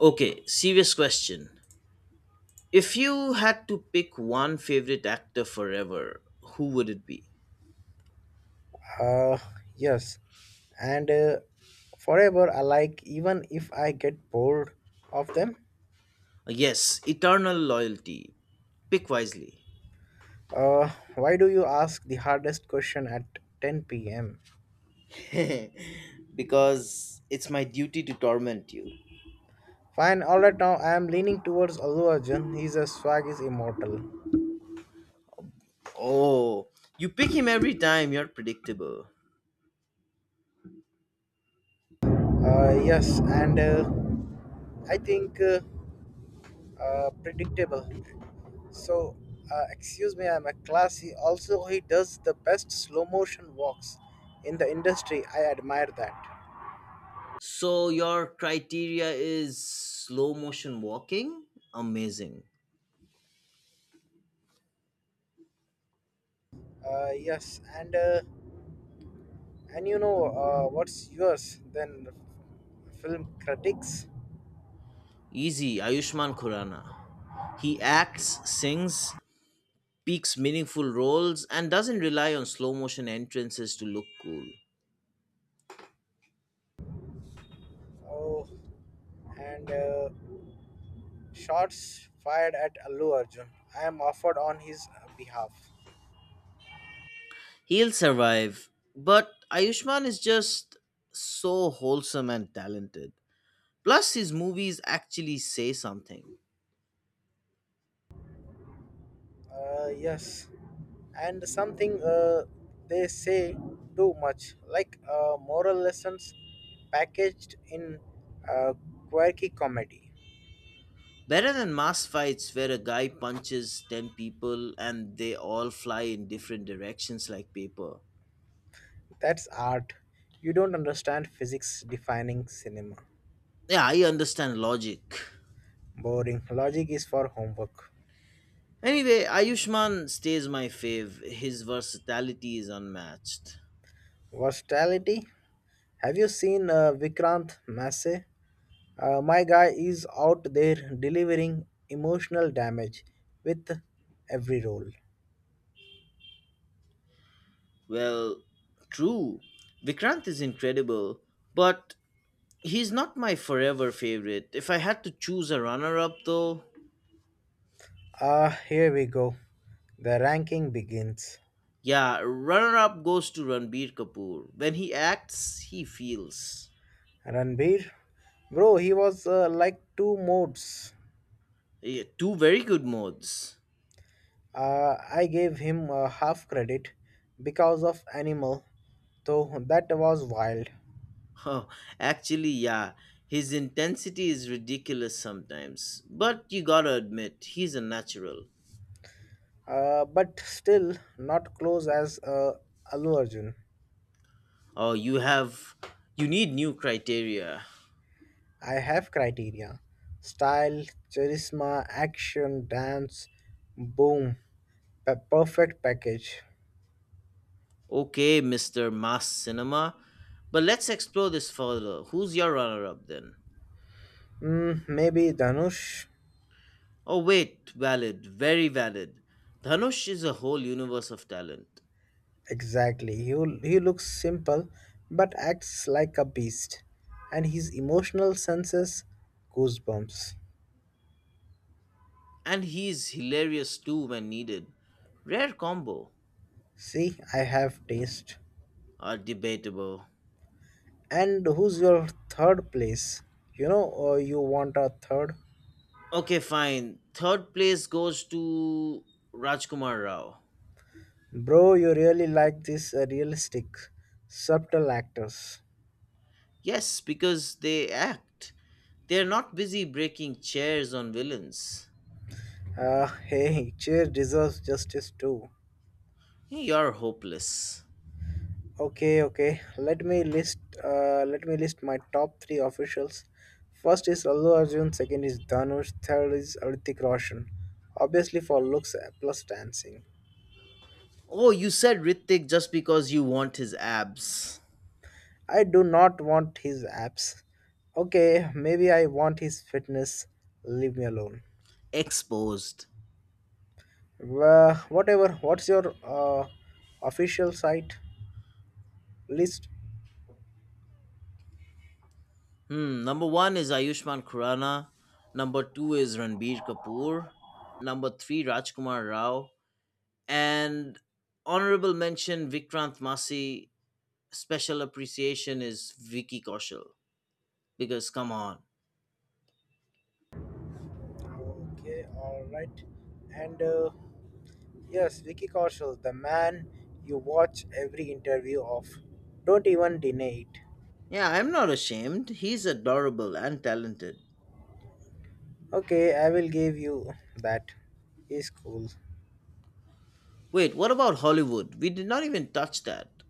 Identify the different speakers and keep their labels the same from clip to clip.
Speaker 1: Okay, serious question. If you had to pick one favorite actor forever, who would it be?
Speaker 2: Uh, yes, and forever alike, even if I get bored of them.
Speaker 1: Yes, eternal loyalty. Pick wisely.
Speaker 2: Uh, why do you ask the hardest question at 10 p.m.?
Speaker 1: because it's my duty to torment you.
Speaker 2: Fine, alright now I am leaning towards Allu Arjun. His swag is immortal.
Speaker 1: Oh, you pick him every time, you're predictable.
Speaker 2: Yes, and I think Predictable. So, Excuse me, I'm a classy. Also, he does the best slow motion walks in the industry. I admire that.
Speaker 1: So your criteria is slow motion walking? Amazing.
Speaker 2: Yes, and you know What's yours? Then film critics
Speaker 1: Easy, Ayushman Khurana. He acts, sings, picks meaningful roles, and doesn't rely on slow motion entrances to look cool.
Speaker 2: oh, and shots fired at Allu Arjun. I am offered on his behalf.
Speaker 1: He'll survive, but Ayushman is just so wholesome and talented. Plus, his movies actually say something.
Speaker 2: Yes, and something They say too much, like moral lessons packaged in uh, quirky comedy.
Speaker 1: Better than mass fights where a guy punches 10 people and they all fly in different directions like paper.
Speaker 2: That's art. You don't understand physics defining cinema.
Speaker 1: Yeah, I understand logic.
Speaker 2: Boring. Logic is for homework.
Speaker 1: Anyway, Ayushman stays my fave. His versatility is unmatched.
Speaker 2: Versatility. Have you seen Vikrant Massey? My guy is out there delivering emotional damage with every role.
Speaker 1: Well, true. Vikrant is incredible, but he's not my forever favorite. If I had to choose a runner up, though,
Speaker 2: Ah, here we go. The ranking begins.
Speaker 1: yeah, runner up goes to Ranbir Kapoor. When he acts, he feels.
Speaker 2: Ranbir, bro, he was like two modes.
Speaker 1: Yeah, two very good modes.
Speaker 2: Uh, I gave him half credit because of Animal, though that was wild.
Speaker 1: Oh, actually, yeah, his intensity is ridiculous sometimes, but you gotta admit, he's a natural.
Speaker 2: But still not close as Allu Arjun.
Speaker 1: Oh, you have. You need new criteria.
Speaker 2: I have criteria: style, charisma, action, dance, boom, perfect package.
Speaker 1: Okay, Mr. Mass Cinema, but let's explore this further. Who's your runner up then?
Speaker 2: Mm, maybe Dhanush?
Speaker 1: Oh, wait, valid, very valid. Dhanush is a whole universe of talent,
Speaker 2: Exactly. He looks simple but acts like a beast. And his emotional senses goosebumps.
Speaker 1: and he's hilarious too when needed. Rare combo
Speaker 2: See, I have taste.
Speaker 1: are debatable.
Speaker 2: And who's your third place? You know, you want a third?
Speaker 1: Okay, fine. Third place goes to Rajkumar Rao.
Speaker 2: Bro, you really like these realistic, subtle actors.
Speaker 1: Yes, because they act. They're not busy breaking chairs on villains.
Speaker 2: Hey, cheer deserves justice too.
Speaker 1: You're hopeless.
Speaker 2: Okay, okay. Let me list. Let me list my top three officials. First is Allu Arjun. Second is Dhanush. Third is Hrithik Roshan. Obviously for looks plus dancing.
Speaker 1: Oh, you said Ritik just because you want his abs.
Speaker 2: I do not want his abs. Okay, maybe I want his fitness. Leave me alone.
Speaker 1: Exposed.
Speaker 2: Whatever. What's your official site list?
Speaker 1: Hmm. Number one is Ayushmann Khurrana. Number two is Ranbir Kapoor. Number three, Rajkumar Rao. And honorable mention, Vikrant Masi. Special appreciation is Vicky Kaushal. Because come on.
Speaker 2: Okay, all right. And Yes, Vicky Kaushal, the man you watch every interview of. Don't even deny it.
Speaker 1: Yeah, I'm not ashamed. He's adorable and talented.
Speaker 2: Okay, I will give you that. He's cool.
Speaker 1: Wait, what about Hollywood? We did not even touch that.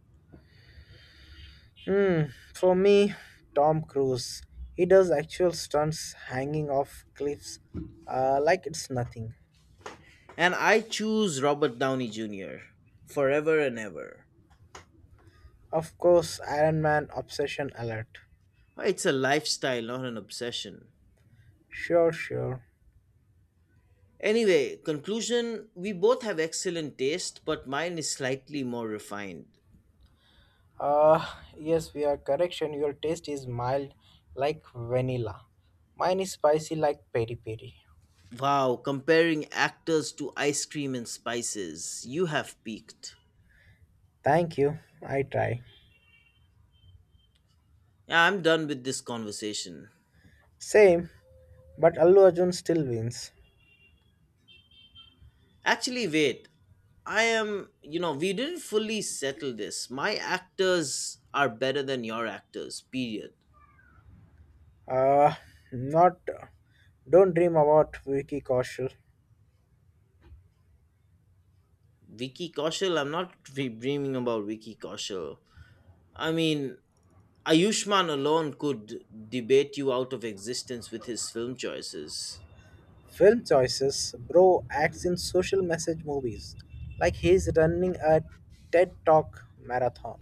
Speaker 2: Hmm, for me, Tom Cruise. He does actual stunts hanging off cliffs like it's nothing.
Speaker 1: And I choose Robert Downey Jr. forever and ever.
Speaker 2: Of course, Iron Man obsession alert.
Speaker 1: Oh, it's a lifestyle, not an obsession.
Speaker 2: Sure, sure.
Speaker 1: Anyway, conclusion, we both have excellent taste, but mine is slightly more refined.
Speaker 2: Uh, yes, we are correction. Your taste is mild like vanilla. Mine is spicy like peri peri.
Speaker 1: Wow, comparing actors to ice cream and spices. You have peaked.
Speaker 2: Thank you. I try.
Speaker 1: Yeah, I'm done with this conversation.
Speaker 2: Same, but Allu Arjun still wins.
Speaker 1: Actually, wait. I am, you know, we didn't fully settle this. My actors are better than your actors, period.
Speaker 2: Uh, Not. Don't dream about Vicky Kaushal.
Speaker 1: Vicky Kaushal. I'm not dreaming about Vicky Kaushal. I mean, Ayushmann alone could debate you out of existence with his film choices.
Speaker 2: Film choices. Bro acts in social message movies, like he's running a TED Talk marathon.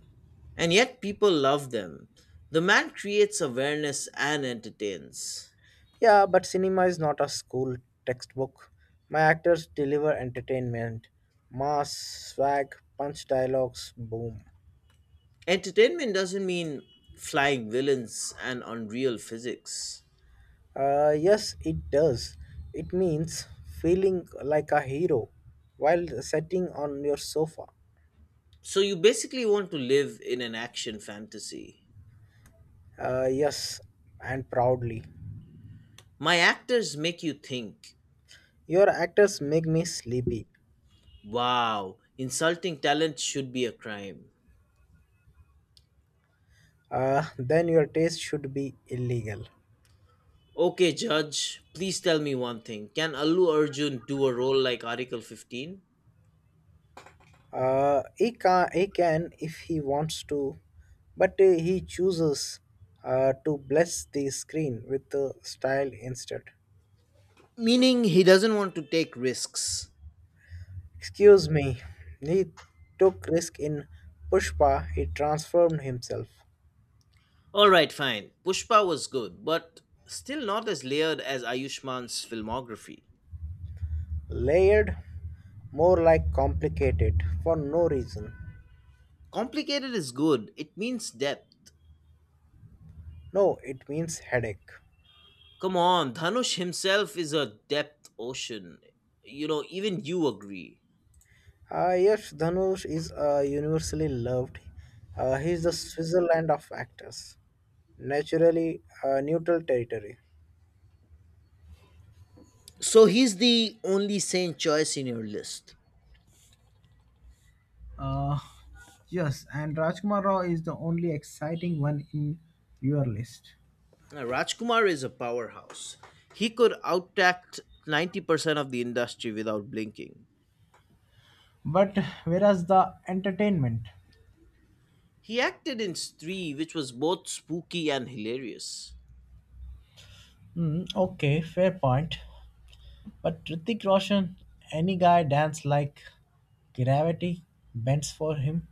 Speaker 1: And yet people love them. The man creates awareness and entertains.
Speaker 2: Yeah, but cinema is not a school textbook. My actors deliver entertainment, mass, swag, punch dialogues, boom.
Speaker 1: Entertainment doesn't mean flying villains and unreal physics.
Speaker 2: Yes, it does. It means feeling like a hero while sitting on your sofa.
Speaker 1: So you basically want to live in an action fantasy.
Speaker 2: Yes, and proudly.
Speaker 1: My actors make you think,
Speaker 2: Your actors make me sleepy.
Speaker 1: wow, insulting talent should be a crime.
Speaker 2: Then your taste should be illegal.
Speaker 1: Okay, Judge, please tell me one thing. Can Allu Arjun do a role like Article 15?
Speaker 2: He can if he wants to, but he chooses to bless the screen with style instead.
Speaker 1: Meaning he doesn't want to take risks.
Speaker 2: Excuse me, he took risk in Pushpa, he transformed himself.
Speaker 1: Alright, fine. Pushpa was good, but still not as layered as Ayushman's filmography.
Speaker 2: Layered, more like complicated, for no reason.
Speaker 1: Complicated is good, it means depth.
Speaker 2: No, it means headache.
Speaker 1: Come on, Dhanush himself is a depth ocean. You know, even you agree.
Speaker 2: Yes, Dhanush is universally loved. He is the Switzerland of actors. Naturally, neutral territory.
Speaker 1: So he's the only sane choice in your list.
Speaker 2: Uh, yes, and Rajkumar Rao is the only exciting one in your list.
Speaker 1: Now, Rajkumar is a powerhouse. He could outact 90% of the industry without blinking.
Speaker 2: But whereas the entertainment?
Speaker 1: He acted in Stree, which was both spooky and hilarious.
Speaker 2: Hmm, okay, fair point. But Hrithik Roshan, any guy dance like Gravity bends for him.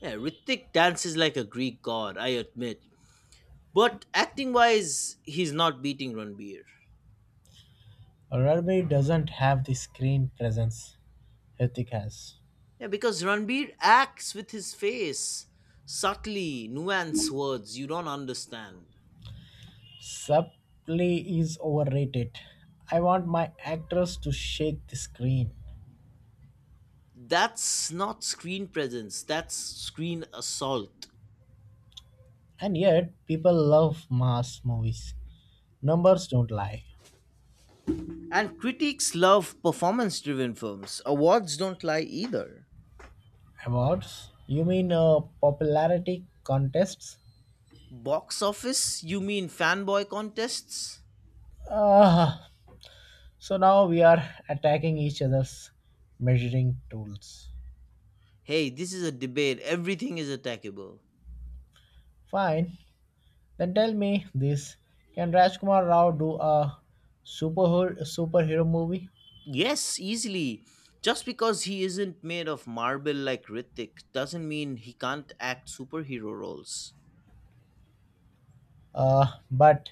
Speaker 1: Yeah, Ritik dances like a Greek god, I admit. But acting wise, he's not beating Ranbir.
Speaker 2: Rugby doesn't have the screen presence Hrithik has.
Speaker 1: Yeah, because Ranbir acts with his face, subtly, nuanced words you don't understand.
Speaker 2: Subplay is overrated. I want my actors to shake the screen.
Speaker 1: That's not screen presence, that's screen assault.
Speaker 2: And yet, people love mass movies. Numbers don't lie.
Speaker 1: And critics love performance driven films. Awards don't lie either.
Speaker 2: Awards? You mean popularity contests?
Speaker 1: Box office? You mean fanboy contests?
Speaker 2: Ah, so now we are attacking each other's measuring tools.
Speaker 1: Hey, this is a debate. Everything is attackable.
Speaker 2: Fine, then tell me this: can Rajkumar Rao do a superhero movie?
Speaker 1: Yes, easily. Just because he isn't made of marble like Hrithik doesn't mean he can't act superhero roles.
Speaker 2: But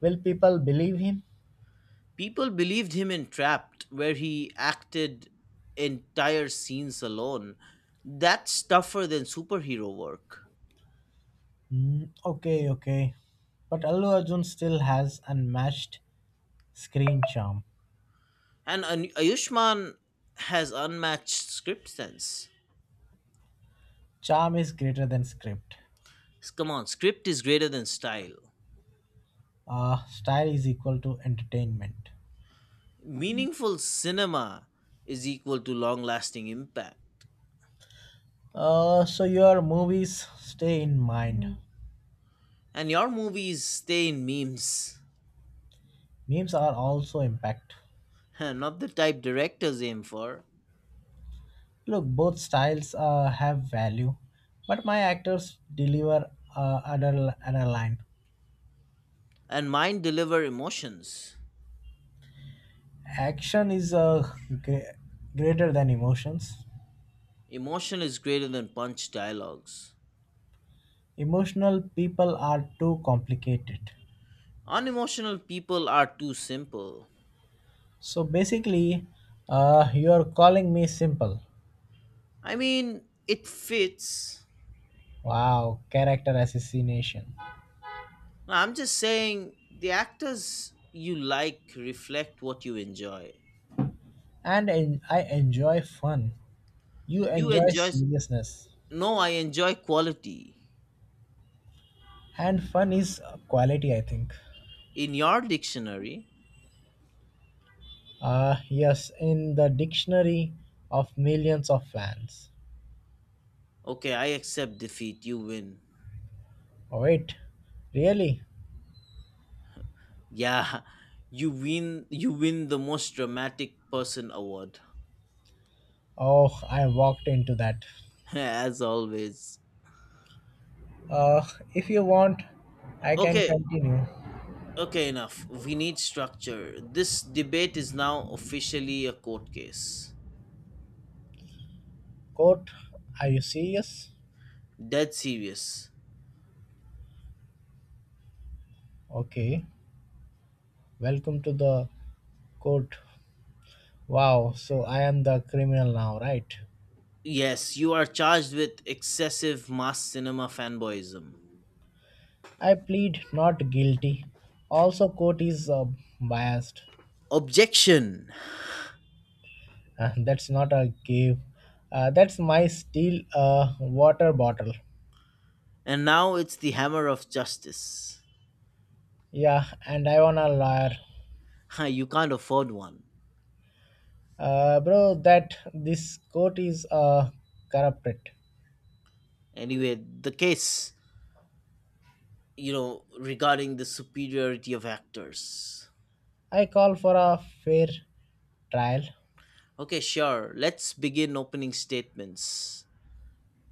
Speaker 2: will people believe him?
Speaker 1: People believed him in Trapped, where he acted entire scenes alone. That's tougher than superhero work.
Speaker 2: Mm, okay, okay. But Allu Arjun still has unmatched screen charm.
Speaker 1: And Ayushman has unmatched script sense.
Speaker 2: Charm is greater than script.
Speaker 1: Come on, script is greater than style.
Speaker 2: Style is equal to entertainment.
Speaker 1: Meaningful cinema is equal to long lasting impact.
Speaker 2: So your movies stay in mind.
Speaker 1: And your movies stay in memes,
Speaker 2: Memes are also impact.
Speaker 1: not the type directors aim for.
Speaker 2: Look, both styles have value, but my actors deliver another line.
Speaker 1: And mine deliver emotions.
Speaker 2: Action is uh, gre- greater than emotions.
Speaker 1: Emotion is greater than punch dialogues.
Speaker 2: Emotional people are too complicated.
Speaker 1: Unemotional people are too simple.
Speaker 2: So basically, you are calling me simple.
Speaker 1: I mean, it fits.
Speaker 2: Wow, character assassination.
Speaker 1: No, I'm just saying the actors you like reflect what you enjoy.
Speaker 2: I enjoy fun. You
Speaker 1: You
Speaker 2: enjoy
Speaker 1: enjoy
Speaker 2: seriousness.
Speaker 1: no, I enjoy quality.
Speaker 2: And fun is a quality, I think.
Speaker 1: In your dictionary,
Speaker 2: Yes, in the dictionary of millions of fans.
Speaker 1: okay, I accept defeat, you win.
Speaker 2: Oh, wait, really?
Speaker 1: Yeah, you win the most dramatic person award.
Speaker 2: Oh, I walked into that.
Speaker 1: As always.
Speaker 2: Uh, if you want, I can
Speaker 1: Okay,
Speaker 2: continue.
Speaker 1: okay, enough. We need structure. This debate is now officially a court case.
Speaker 2: Court, are you serious?
Speaker 1: Dead serious.
Speaker 2: Okay, welcome to the court. Wow, so I am the criminal now, right?
Speaker 1: Yes, you are charged with excessive mass cinema fanboyism.
Speaker 2: I plead not guilty. Also, court is biased.
Speaker 1: Objection!
Speaker 2: That's not a cave. That's my steel water bottle.
Speaker 1: And now it's the hammer of justice.
Speaker 2: Yeah, and I want a liar.
Speaker 1: Ha, you can't afford one.
Speaker 2: Bro, that this court is a corrupted.
Speaker 1: Anyway, the case, you know, regarding the superiority of actors.
Speaker 2: I call for a fair trial.
Speaker 1: Okay, sure. Let's begin opening statements.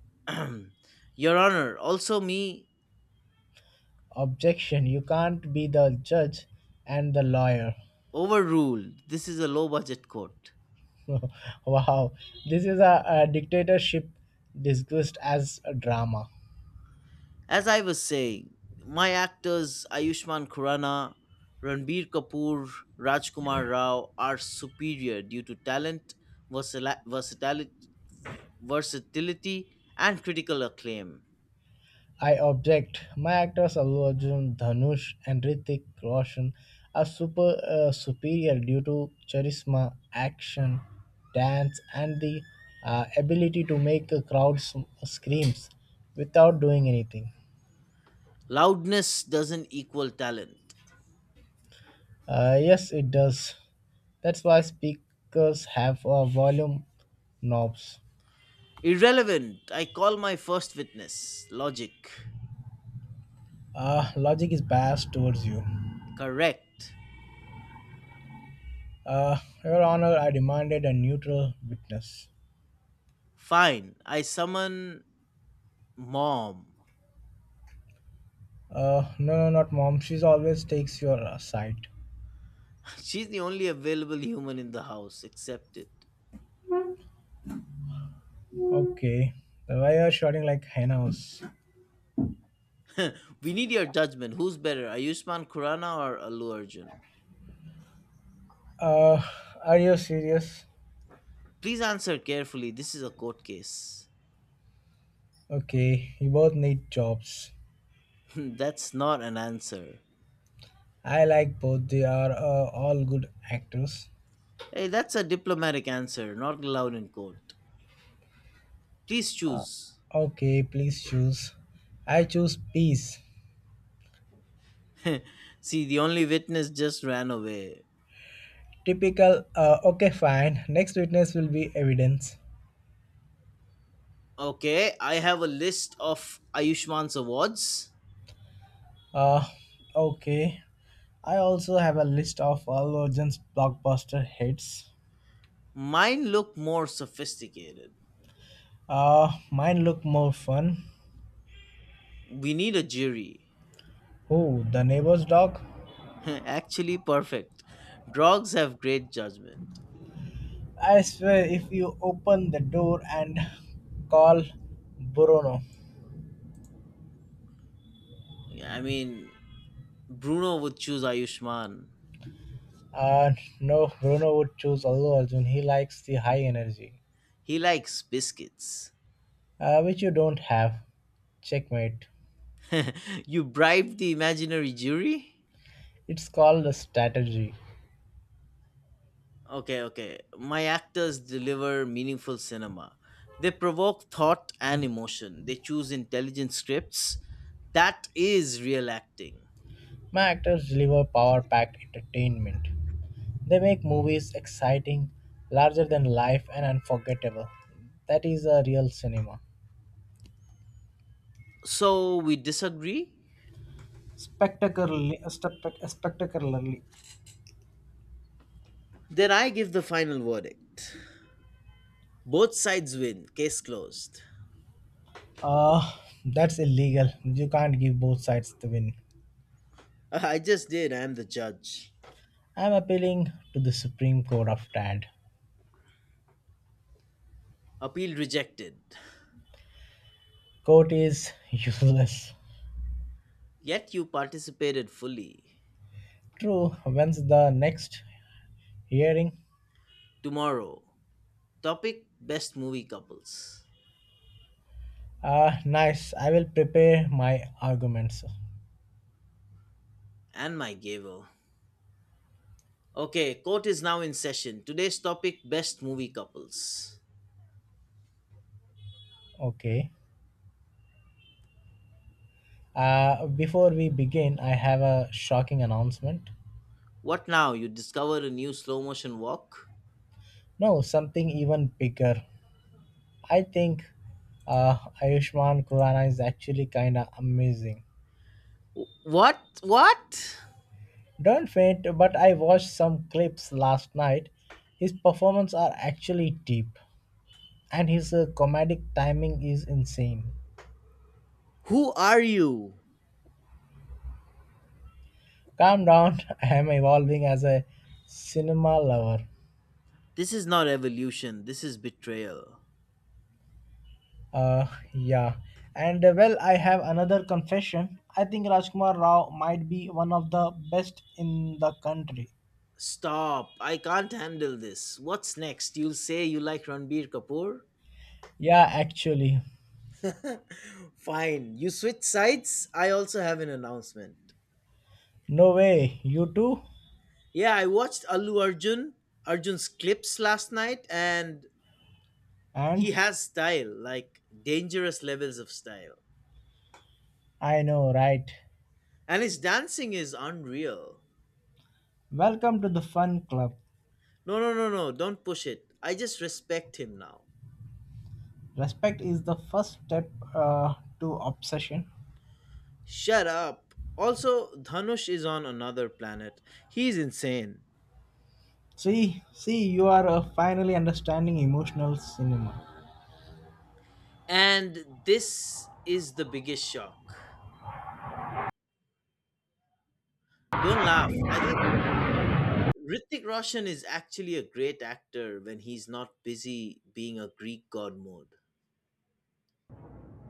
Speaker 1: Your Honor, also me
Speaker 2: Objection, you can't be the judge and the lawyer.
Speaker 1: overruled. This is a low budget court.
Speaker 2: Wow, this is a dictatorship disguised as a drama.
Speaker 1: As I was saying, my actors Ayushmann Khurrana, Ranbir Kapoor, Rajkumar Rao are superior due to talent, versali- versatili- versatility, and critical acclaim.
Speaker 2: I object. My actors Allu Arjun, Dhanush, and Ritik Roshan are superior due to charisma, action, dance, and the ability to make a screams without doing anything.
Speaker 1: Loudness doesn't equal talent.
Speaker 2: Yes, it does. That's why speakers have volume knobs.
Speaker 1: Irrelevant, I call my first witness. Logic.
Speaker 2: Logic is biased towards you.
Speaker 1: Correct.
Speaker 2: Uh, Your Honor, I demanded a neutral witness.
Speaker 1: Fine, I summon mom.
Speaker 2: No, no, not mom. She's always takes your side.
Speaker 1: She's the only available human in the house, accept it.
Speaker 2: Okay. Then why are you shouting like henna's?
Speaker 1: We need your judgment. Who's better, Ayushmann Khurrana or Allu Arjun?
Speaker 2: Uh, are you serious?
Speaker 1: Please answer carefully. This is a court case.
Speaker 2: Okay, you both need jobs.
Speaker 1: That's not an answer.
Speaker 2: I like both. They are all good actors.
Speaker 1: Hey, that's a diplomatic answer, not allowed in court. Please choose.
Speaker 2: Okay, please choose. I choose peace.
Speaker 1: See, the only witness just ran away.
Speaker 2: Typical. Okay, fine. Next witness will be evidence.
Speaker 1: Okay, I have a list of Ayushmann's awards.
Speaker 2: Uh, okay. I also have a list of all Origins blockbuster hits.
Speaker 1: Mine look more sophisticated.
Speaker 2: Mine look more fun.
Speaker 1: We need a jury.
Speaker 2: Oh, the neighbor's dog?
Speaker 1: Actually, perfect. Dogs have great judgment.
Speaker 2: I swear, if you open the door and call Bruno.
Speaker 1: I mean, Bruno would choose Ayushman.
Speaker 2: Uh, no, Bruno would choose Allu Arjun. He likes the high energy,
Speaker 1: He likes biscuits.
Speaker 2: which you don't have. Checkmate.
Speaker 1: You bribed the imaginary jury?
Speaker 2: It's called a strategy.
Speaker 1: Okay, okay. My actors deliver meaningful cinema. They provoke thought and emotion. They choose intelligent scripts. That is real acting.
Speaker 2: My actors deliver power packed entertainment. They make movies exciting, larger than life, and unforgettable. That is a real cinema.
Speaker 1: So we disagree? Then I give the final verdict. Both sides win. Case closed.
Speaker 2: Uh, that's illegal. You can't give both sides the win.
Speaker 1: I just did. I am the judge.
Speaker 2: I'm appealing to the Supreme Court of Tad.
Speaker 1: Appeal rejected.
Speaker 2: Court is useless.
Speaker 1: Yet you participated fully.
Speaker 2: True, when's the next hearing?
Speaker 1: Tomorrow, topic Best Movie Couples
Speaker 2: Nice, I will prepare my arguments.
Speaker 1: and my gavel. Okay, court is now in session. Today's topic Best Movie Couples.
Speaker 2: Okay. Before we begin, I have a shocking announcement.
Speaker 1: What now? You discover a new slow motion walk?
Speaker 2: No, something even bigger. I think Ayushman Khurrana is actually kinda amazing.
Speaker 1: What? What?
Speaker 2: Don't faint, but I watched some clips last night. His performances are actually deep, and his comedic timing is insane.
Speaker 1: Who are you?
Speaker 2: Calm down, I am evolving as a cinema lover.
Speaker 1: This is not evolution, this is betrayal.
Speaker 2: Uh, yeah. And Well, I have another confession. I think Rajkumar Rao might be one of the best in the country.
Speaker 1: Stop, I can't handle this. What's next? You'll say you like Ranbir Kapoor?
Speaker 2: Yeah, actually.
Speaker 1: Fine, you switch sides. I also have an announcement.
Speaker 2: No way, you too?
Speaker 1: Yeah, I watched Arjun's clips last night, and
Speaker 2: And
Speaker 1: he has style, like dangerous levels of style.
Speaker 2: I know, right?
Speaker 1: And his dancing is unreal.
Speaker 2: Welcome to the fun club.
Speaker 1: No, no, no, no, don't push it. I just respect him now.
Speaker 2: Respect is the first step to obsession.
Speaker 1: Shut up. Also, Dhanush is on another planet. He's insane.
Speaker 2: See, see, you are finally understanding emotional cinema.
Speaker 1: And this is the biggest shock. Don't laugh. I think Ritik Roshan is actually a great actor when he's not busy being a Greek god mode.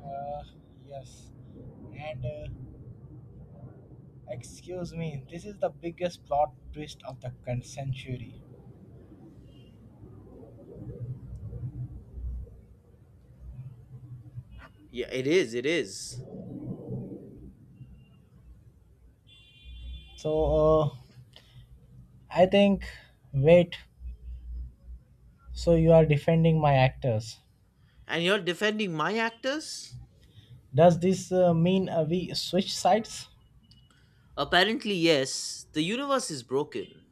Speaker 2: Uh, yes. And Excuse me, this is the biggest plot twist of the current century.
Speaker 1: Yeah, it is. It is.
Speaker 2: So, I think. Wait, so you are defending my actors.
Speaker 1: And you're defending my actors?
Speaker 2: Does this mean we switch sides?
Speaker 1: Apparently, yes. The universe is broken.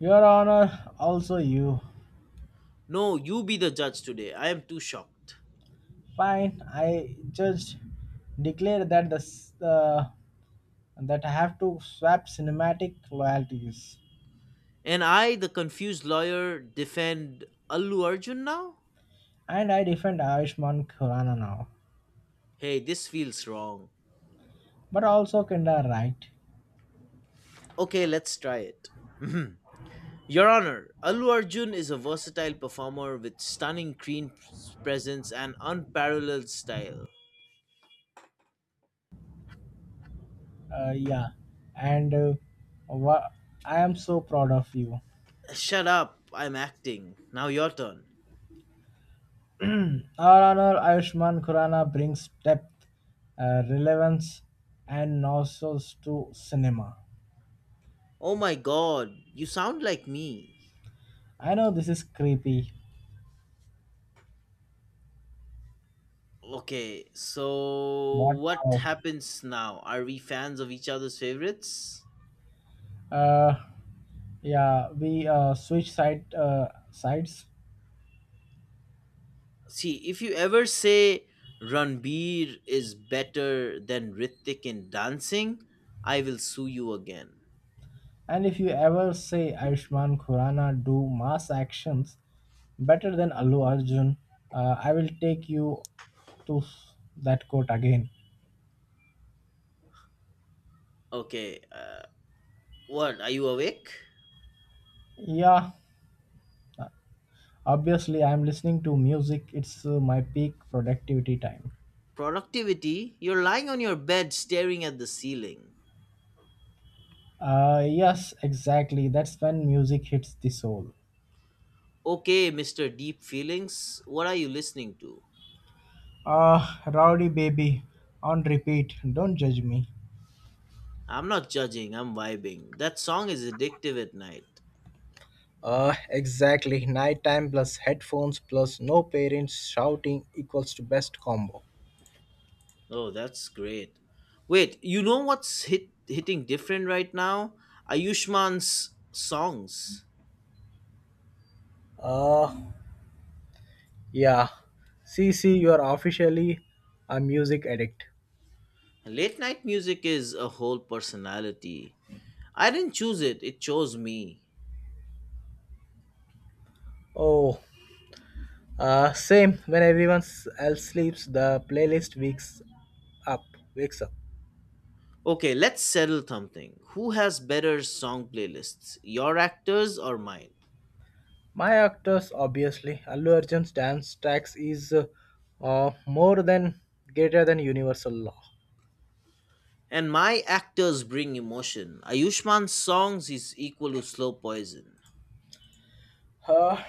Speaker 2: Your Honor, also you.
Speaker 1: No, you be the judge today. I am too shocked.
Speaker 2: Fine, I just declare that I have to swap cinematic loyalties,
Speaker 1: And I, the confused lawyer, defend Allu Arjun now?
Speaker 2: and I defend Ayushman Khurana now,
Speaker 1: Hey, this feels wrong.
Speaker 2: but also kinda right.
Speaker 1: Okay, let's try it. Your Honor, Allu Arjun is a versatile performer with stunning screen presence and unparalleled style.
Speaker 2: Uh, yeah, and uh, wha- I am so proud of you.
Speaker 1: Shut up, I'm acting. Now your turn.
Speaker 2: Our honor Ayushman Khurana brings depth, relevance, and nostrils to cinema.
Speaker 1: Oh my god, you sound like me.
Speaker 2: I know this is creepy.
Speaker 1: Okay, so
Speaker 2: What
Speaker 1: what
Speaker 2: now?
Speaker 1: happens now? Are we fans of each other's favorites?
Speaker 2: Uh, yeah, we switch side sides.
Speaker 1: See, if you ever say Ranbir is better than Ritik in dancing, I will sue you again.
Speaker 2: And if you ever say Ayushman Khurana do mass actions better than Allu Arjun, I will take you that quote again.
Speaker 1: Okay, what? Are you awake?
Speaker 2: Yeah, obviously, I'm listening to music, it's my peak productivity time.
Speaker 1: Productivity? You're lying on your bed staring at the ceiling.
Speaker 2: Yes, exactly, that's when music hits the soul.
Speaker 1: Okay, Mr. Deep Feelings, what are you listening to?
Speaker 2: Ah, Rowdy Baby, on repeat, don't judge me.
Speaker 1: I'm not judging, I'm vibing. That song is addictive at night.
Speaker 2: Exactly. Nighttime plus headphones plus no parents shouting equals to best combo.
Speaker 1: Oh, that's great. Wait, you know what's hitting different right now? Ayushman's songs.
Speaker 2: Uh, yeah. See, see, you are officially a music addict.
Speaker 1: Late night music is a whole personality. I didn't choose it, it chose me.
Speaker 2: Oh, same. When everyone else sleeps, the playlist wakes up. Wakes up.
Speaker 1: Okay, let's settle something. Who has better song playlists? Your actors or mine?
Speaker 2: My actors, obviously. Allu Arjun's dance tax is more than greater than universal law.
Speaker 1: And my actors bring emotion. Ayushman's songs is equal to slow poison.
Speaker 2: Uh,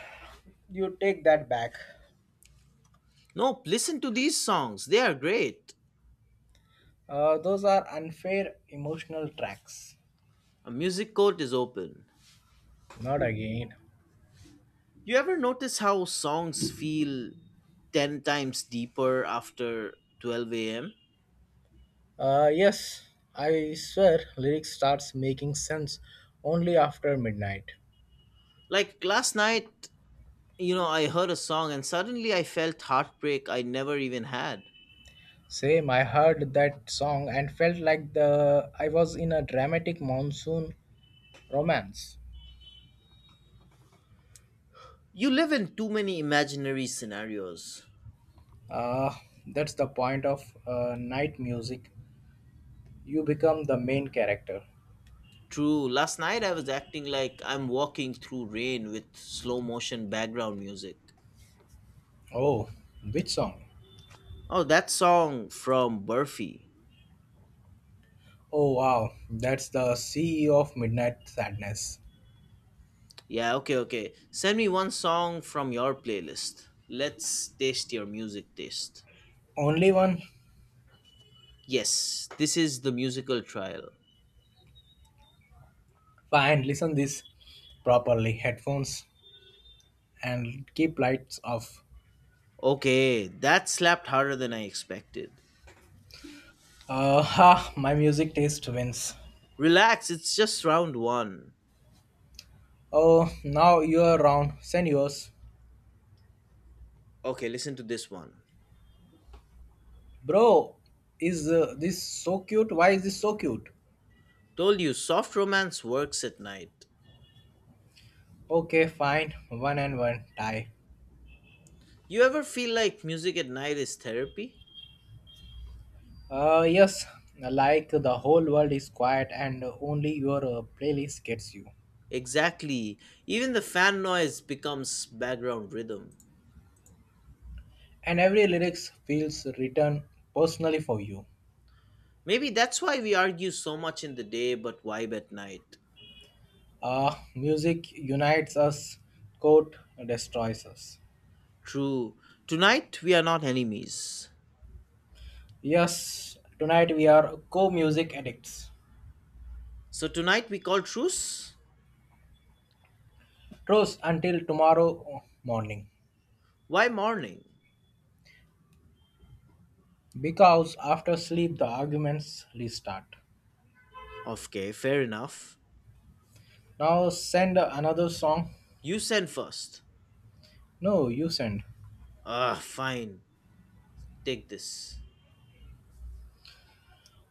Speaker 2: you take that back.
Speaker 1: Nope, listen to these songs. They are great.
Speaker 2: Those are unfair emotional tracks.
Speaker 1: A music court is open.
Speaker 2: Not again.
Speaker 1: You ever notice how songs feel 10 times deeper after 12 a.m.?
Speaker 2: Yes, I swear lyrics starts making sense only after midnight.
Speaker 1: Like last night, you know, I heard a song and suddenly I felt heartbreak I never even had.
Speaker 2: Same, I heard that song and felt like the I was in a dramatic monsoon romance.
Speaker 1: You live in too many imaginary scenarios.
Speaker 2: Uh, that's the point of night music. You become the main character.
Speaker 1: True, last night I was acting like I'm walking through rain with slow motion background music.
Speaker 2: Oh, which song?
Speaker 1: Oh, that song from Burfi.
Speaker 2: Oh, wow. That's the CEO of Midnight Sadness.
Speaker 1: Yeah, okay, okay. Send me one song from your playlist. Let's taste your music taste.
Speaker 2: Only one?
Speaker 1: Yes, this is the musical trial.
Speaker 2: Fine, listen this properly. Headphones and keep lights off.
Speaker 1: Okay, that slapped harder than I expected.
Speaker 2: Ha, my music taste wins.
Speaker 1: Relax, it's just round one.
Speaker 2: Oh, now you're around. Send yours.
Speaker 1: Okay, listen to this one.
Speaker 2: Bro, is this so cute? Why is this so cute?
Speaker 1: Told you, soft romance works at night.
Speaker 2: Okay, fine. One and one. Tie.
Speaker 1: You ever feel like music at night is therapy?
Speaker 2: Yes, like the whole world is quiet and only your playlist gets you.
Speaker 1: Exactly. Even the fan noise becomes background rhythm.
Speaker 2: And every lyrics feels written personally for you.
Speaker 1: Maybe that's why we argue so much in the day but vibe at night.
Speaker 2: Music unites us, quote destroys us.
Speaker 1: True. Tonight we are not enemies.
Speaker 2: Yes, tonight we are co-music addicts.
Speaker 1: So tonight we call truce?
Speaker 2: Trust until tomorrow morning.
Speaker 1: Why morning?
Speaker 2: Because after sleep the arguments restart.
Speaker 1: Okay, fair enough.
Speaker 2: Now send another song.
Speaker 1: You send first.
Speaker 2: No, you send.
Speaker 1: Ah, fine. Take this.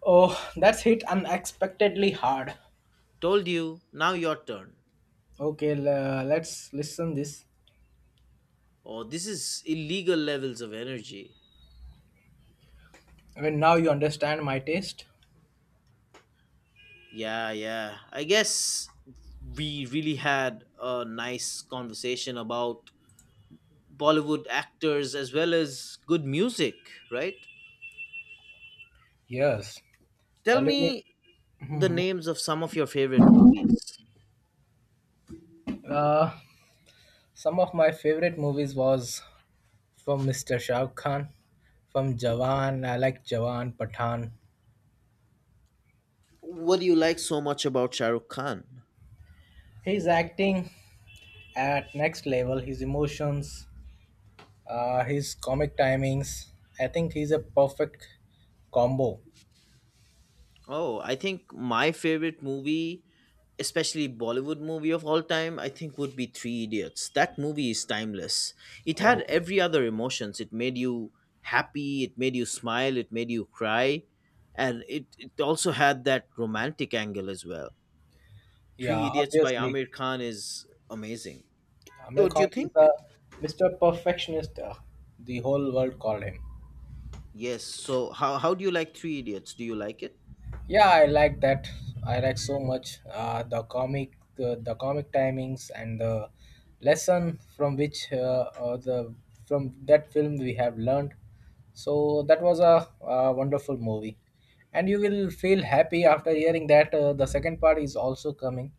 Speaker 2: Oh, that's hit unexpectedly hard.
Speaker 1: Told you, now your turn.
Speaker 2: Okay, let's listen this.
Speaker 1: Oh, this is illegal levels of energy.
Speaker 2: When now you understand my taste.
Speaker 1: Yeah, yeah. I guess we really had a nice conversation about Bollywood actors as well as good music, right?
Speaker 2: Yes,
Speaker 1: Tell
Speaker 2: Bollywood.
Speaker 1: me the names of some of your favorite movies.
Speaker 2: Uh, some of my favorite movies was from Mr. Shah Rukh Khan, from Jawan. I like Jawan Pathan.
Speaker 1: What do you like so much about Shah Rukh Khan?
Speaker 2: His acting at next level. His emotions, his comic timings. I think he's a perfect combo.
Speaker 1: Oh, I think my favorite movie, especially Bollywood movie of all time, I think would be Three Idiots. That movie is timeless. It had
Speaker 2: Oh,
Speaker 1: every other emotions. It made you happy, it made you smile, it made you cry, and it also had that romantic angle as well.
Speaker 2: yeah,
Speaker 1: Three Idiots by
Speaker 2: obviously.
Speaker 1: Amir Khan is amazing.
Speaker 2: Amir
Speaker 1: What do you
Speaker 2: Khan is
Speaker 1: think?
Speaker 2: a Mr. Perfectionist, the whole world called him.
Speaker 1: Yes. So how do you like Three Idiots? Do you like it?
Speaker 2: Yeah, I like that. I like so much the comic timings, and the lesson from which the from that film we have learned. So that was a, wonderful movie, and you will feel happy after hearing that the second part is also coming.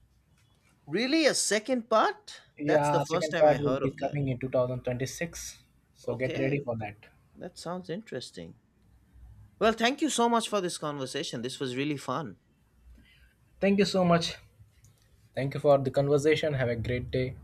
Speaker 1: Really? A second part? That's the
Speaker 2: Yeah,
Speaker 1: first
Speaker 2: second
Speaker 1: time I
Speaker 2: part will
Speaker 1: heard
Speaker 2: be
Speaker 1: of that.
Speaker 2: coming in 2026. So get ready
Speaker 1: Okay.
Speaker 2: for that.
Speaker 1: That sounds interesting. Well, thank you so much for this conversation. This was really fun.
Speaker 2: Thank you so much. Thank you for the conversation. Have a great day.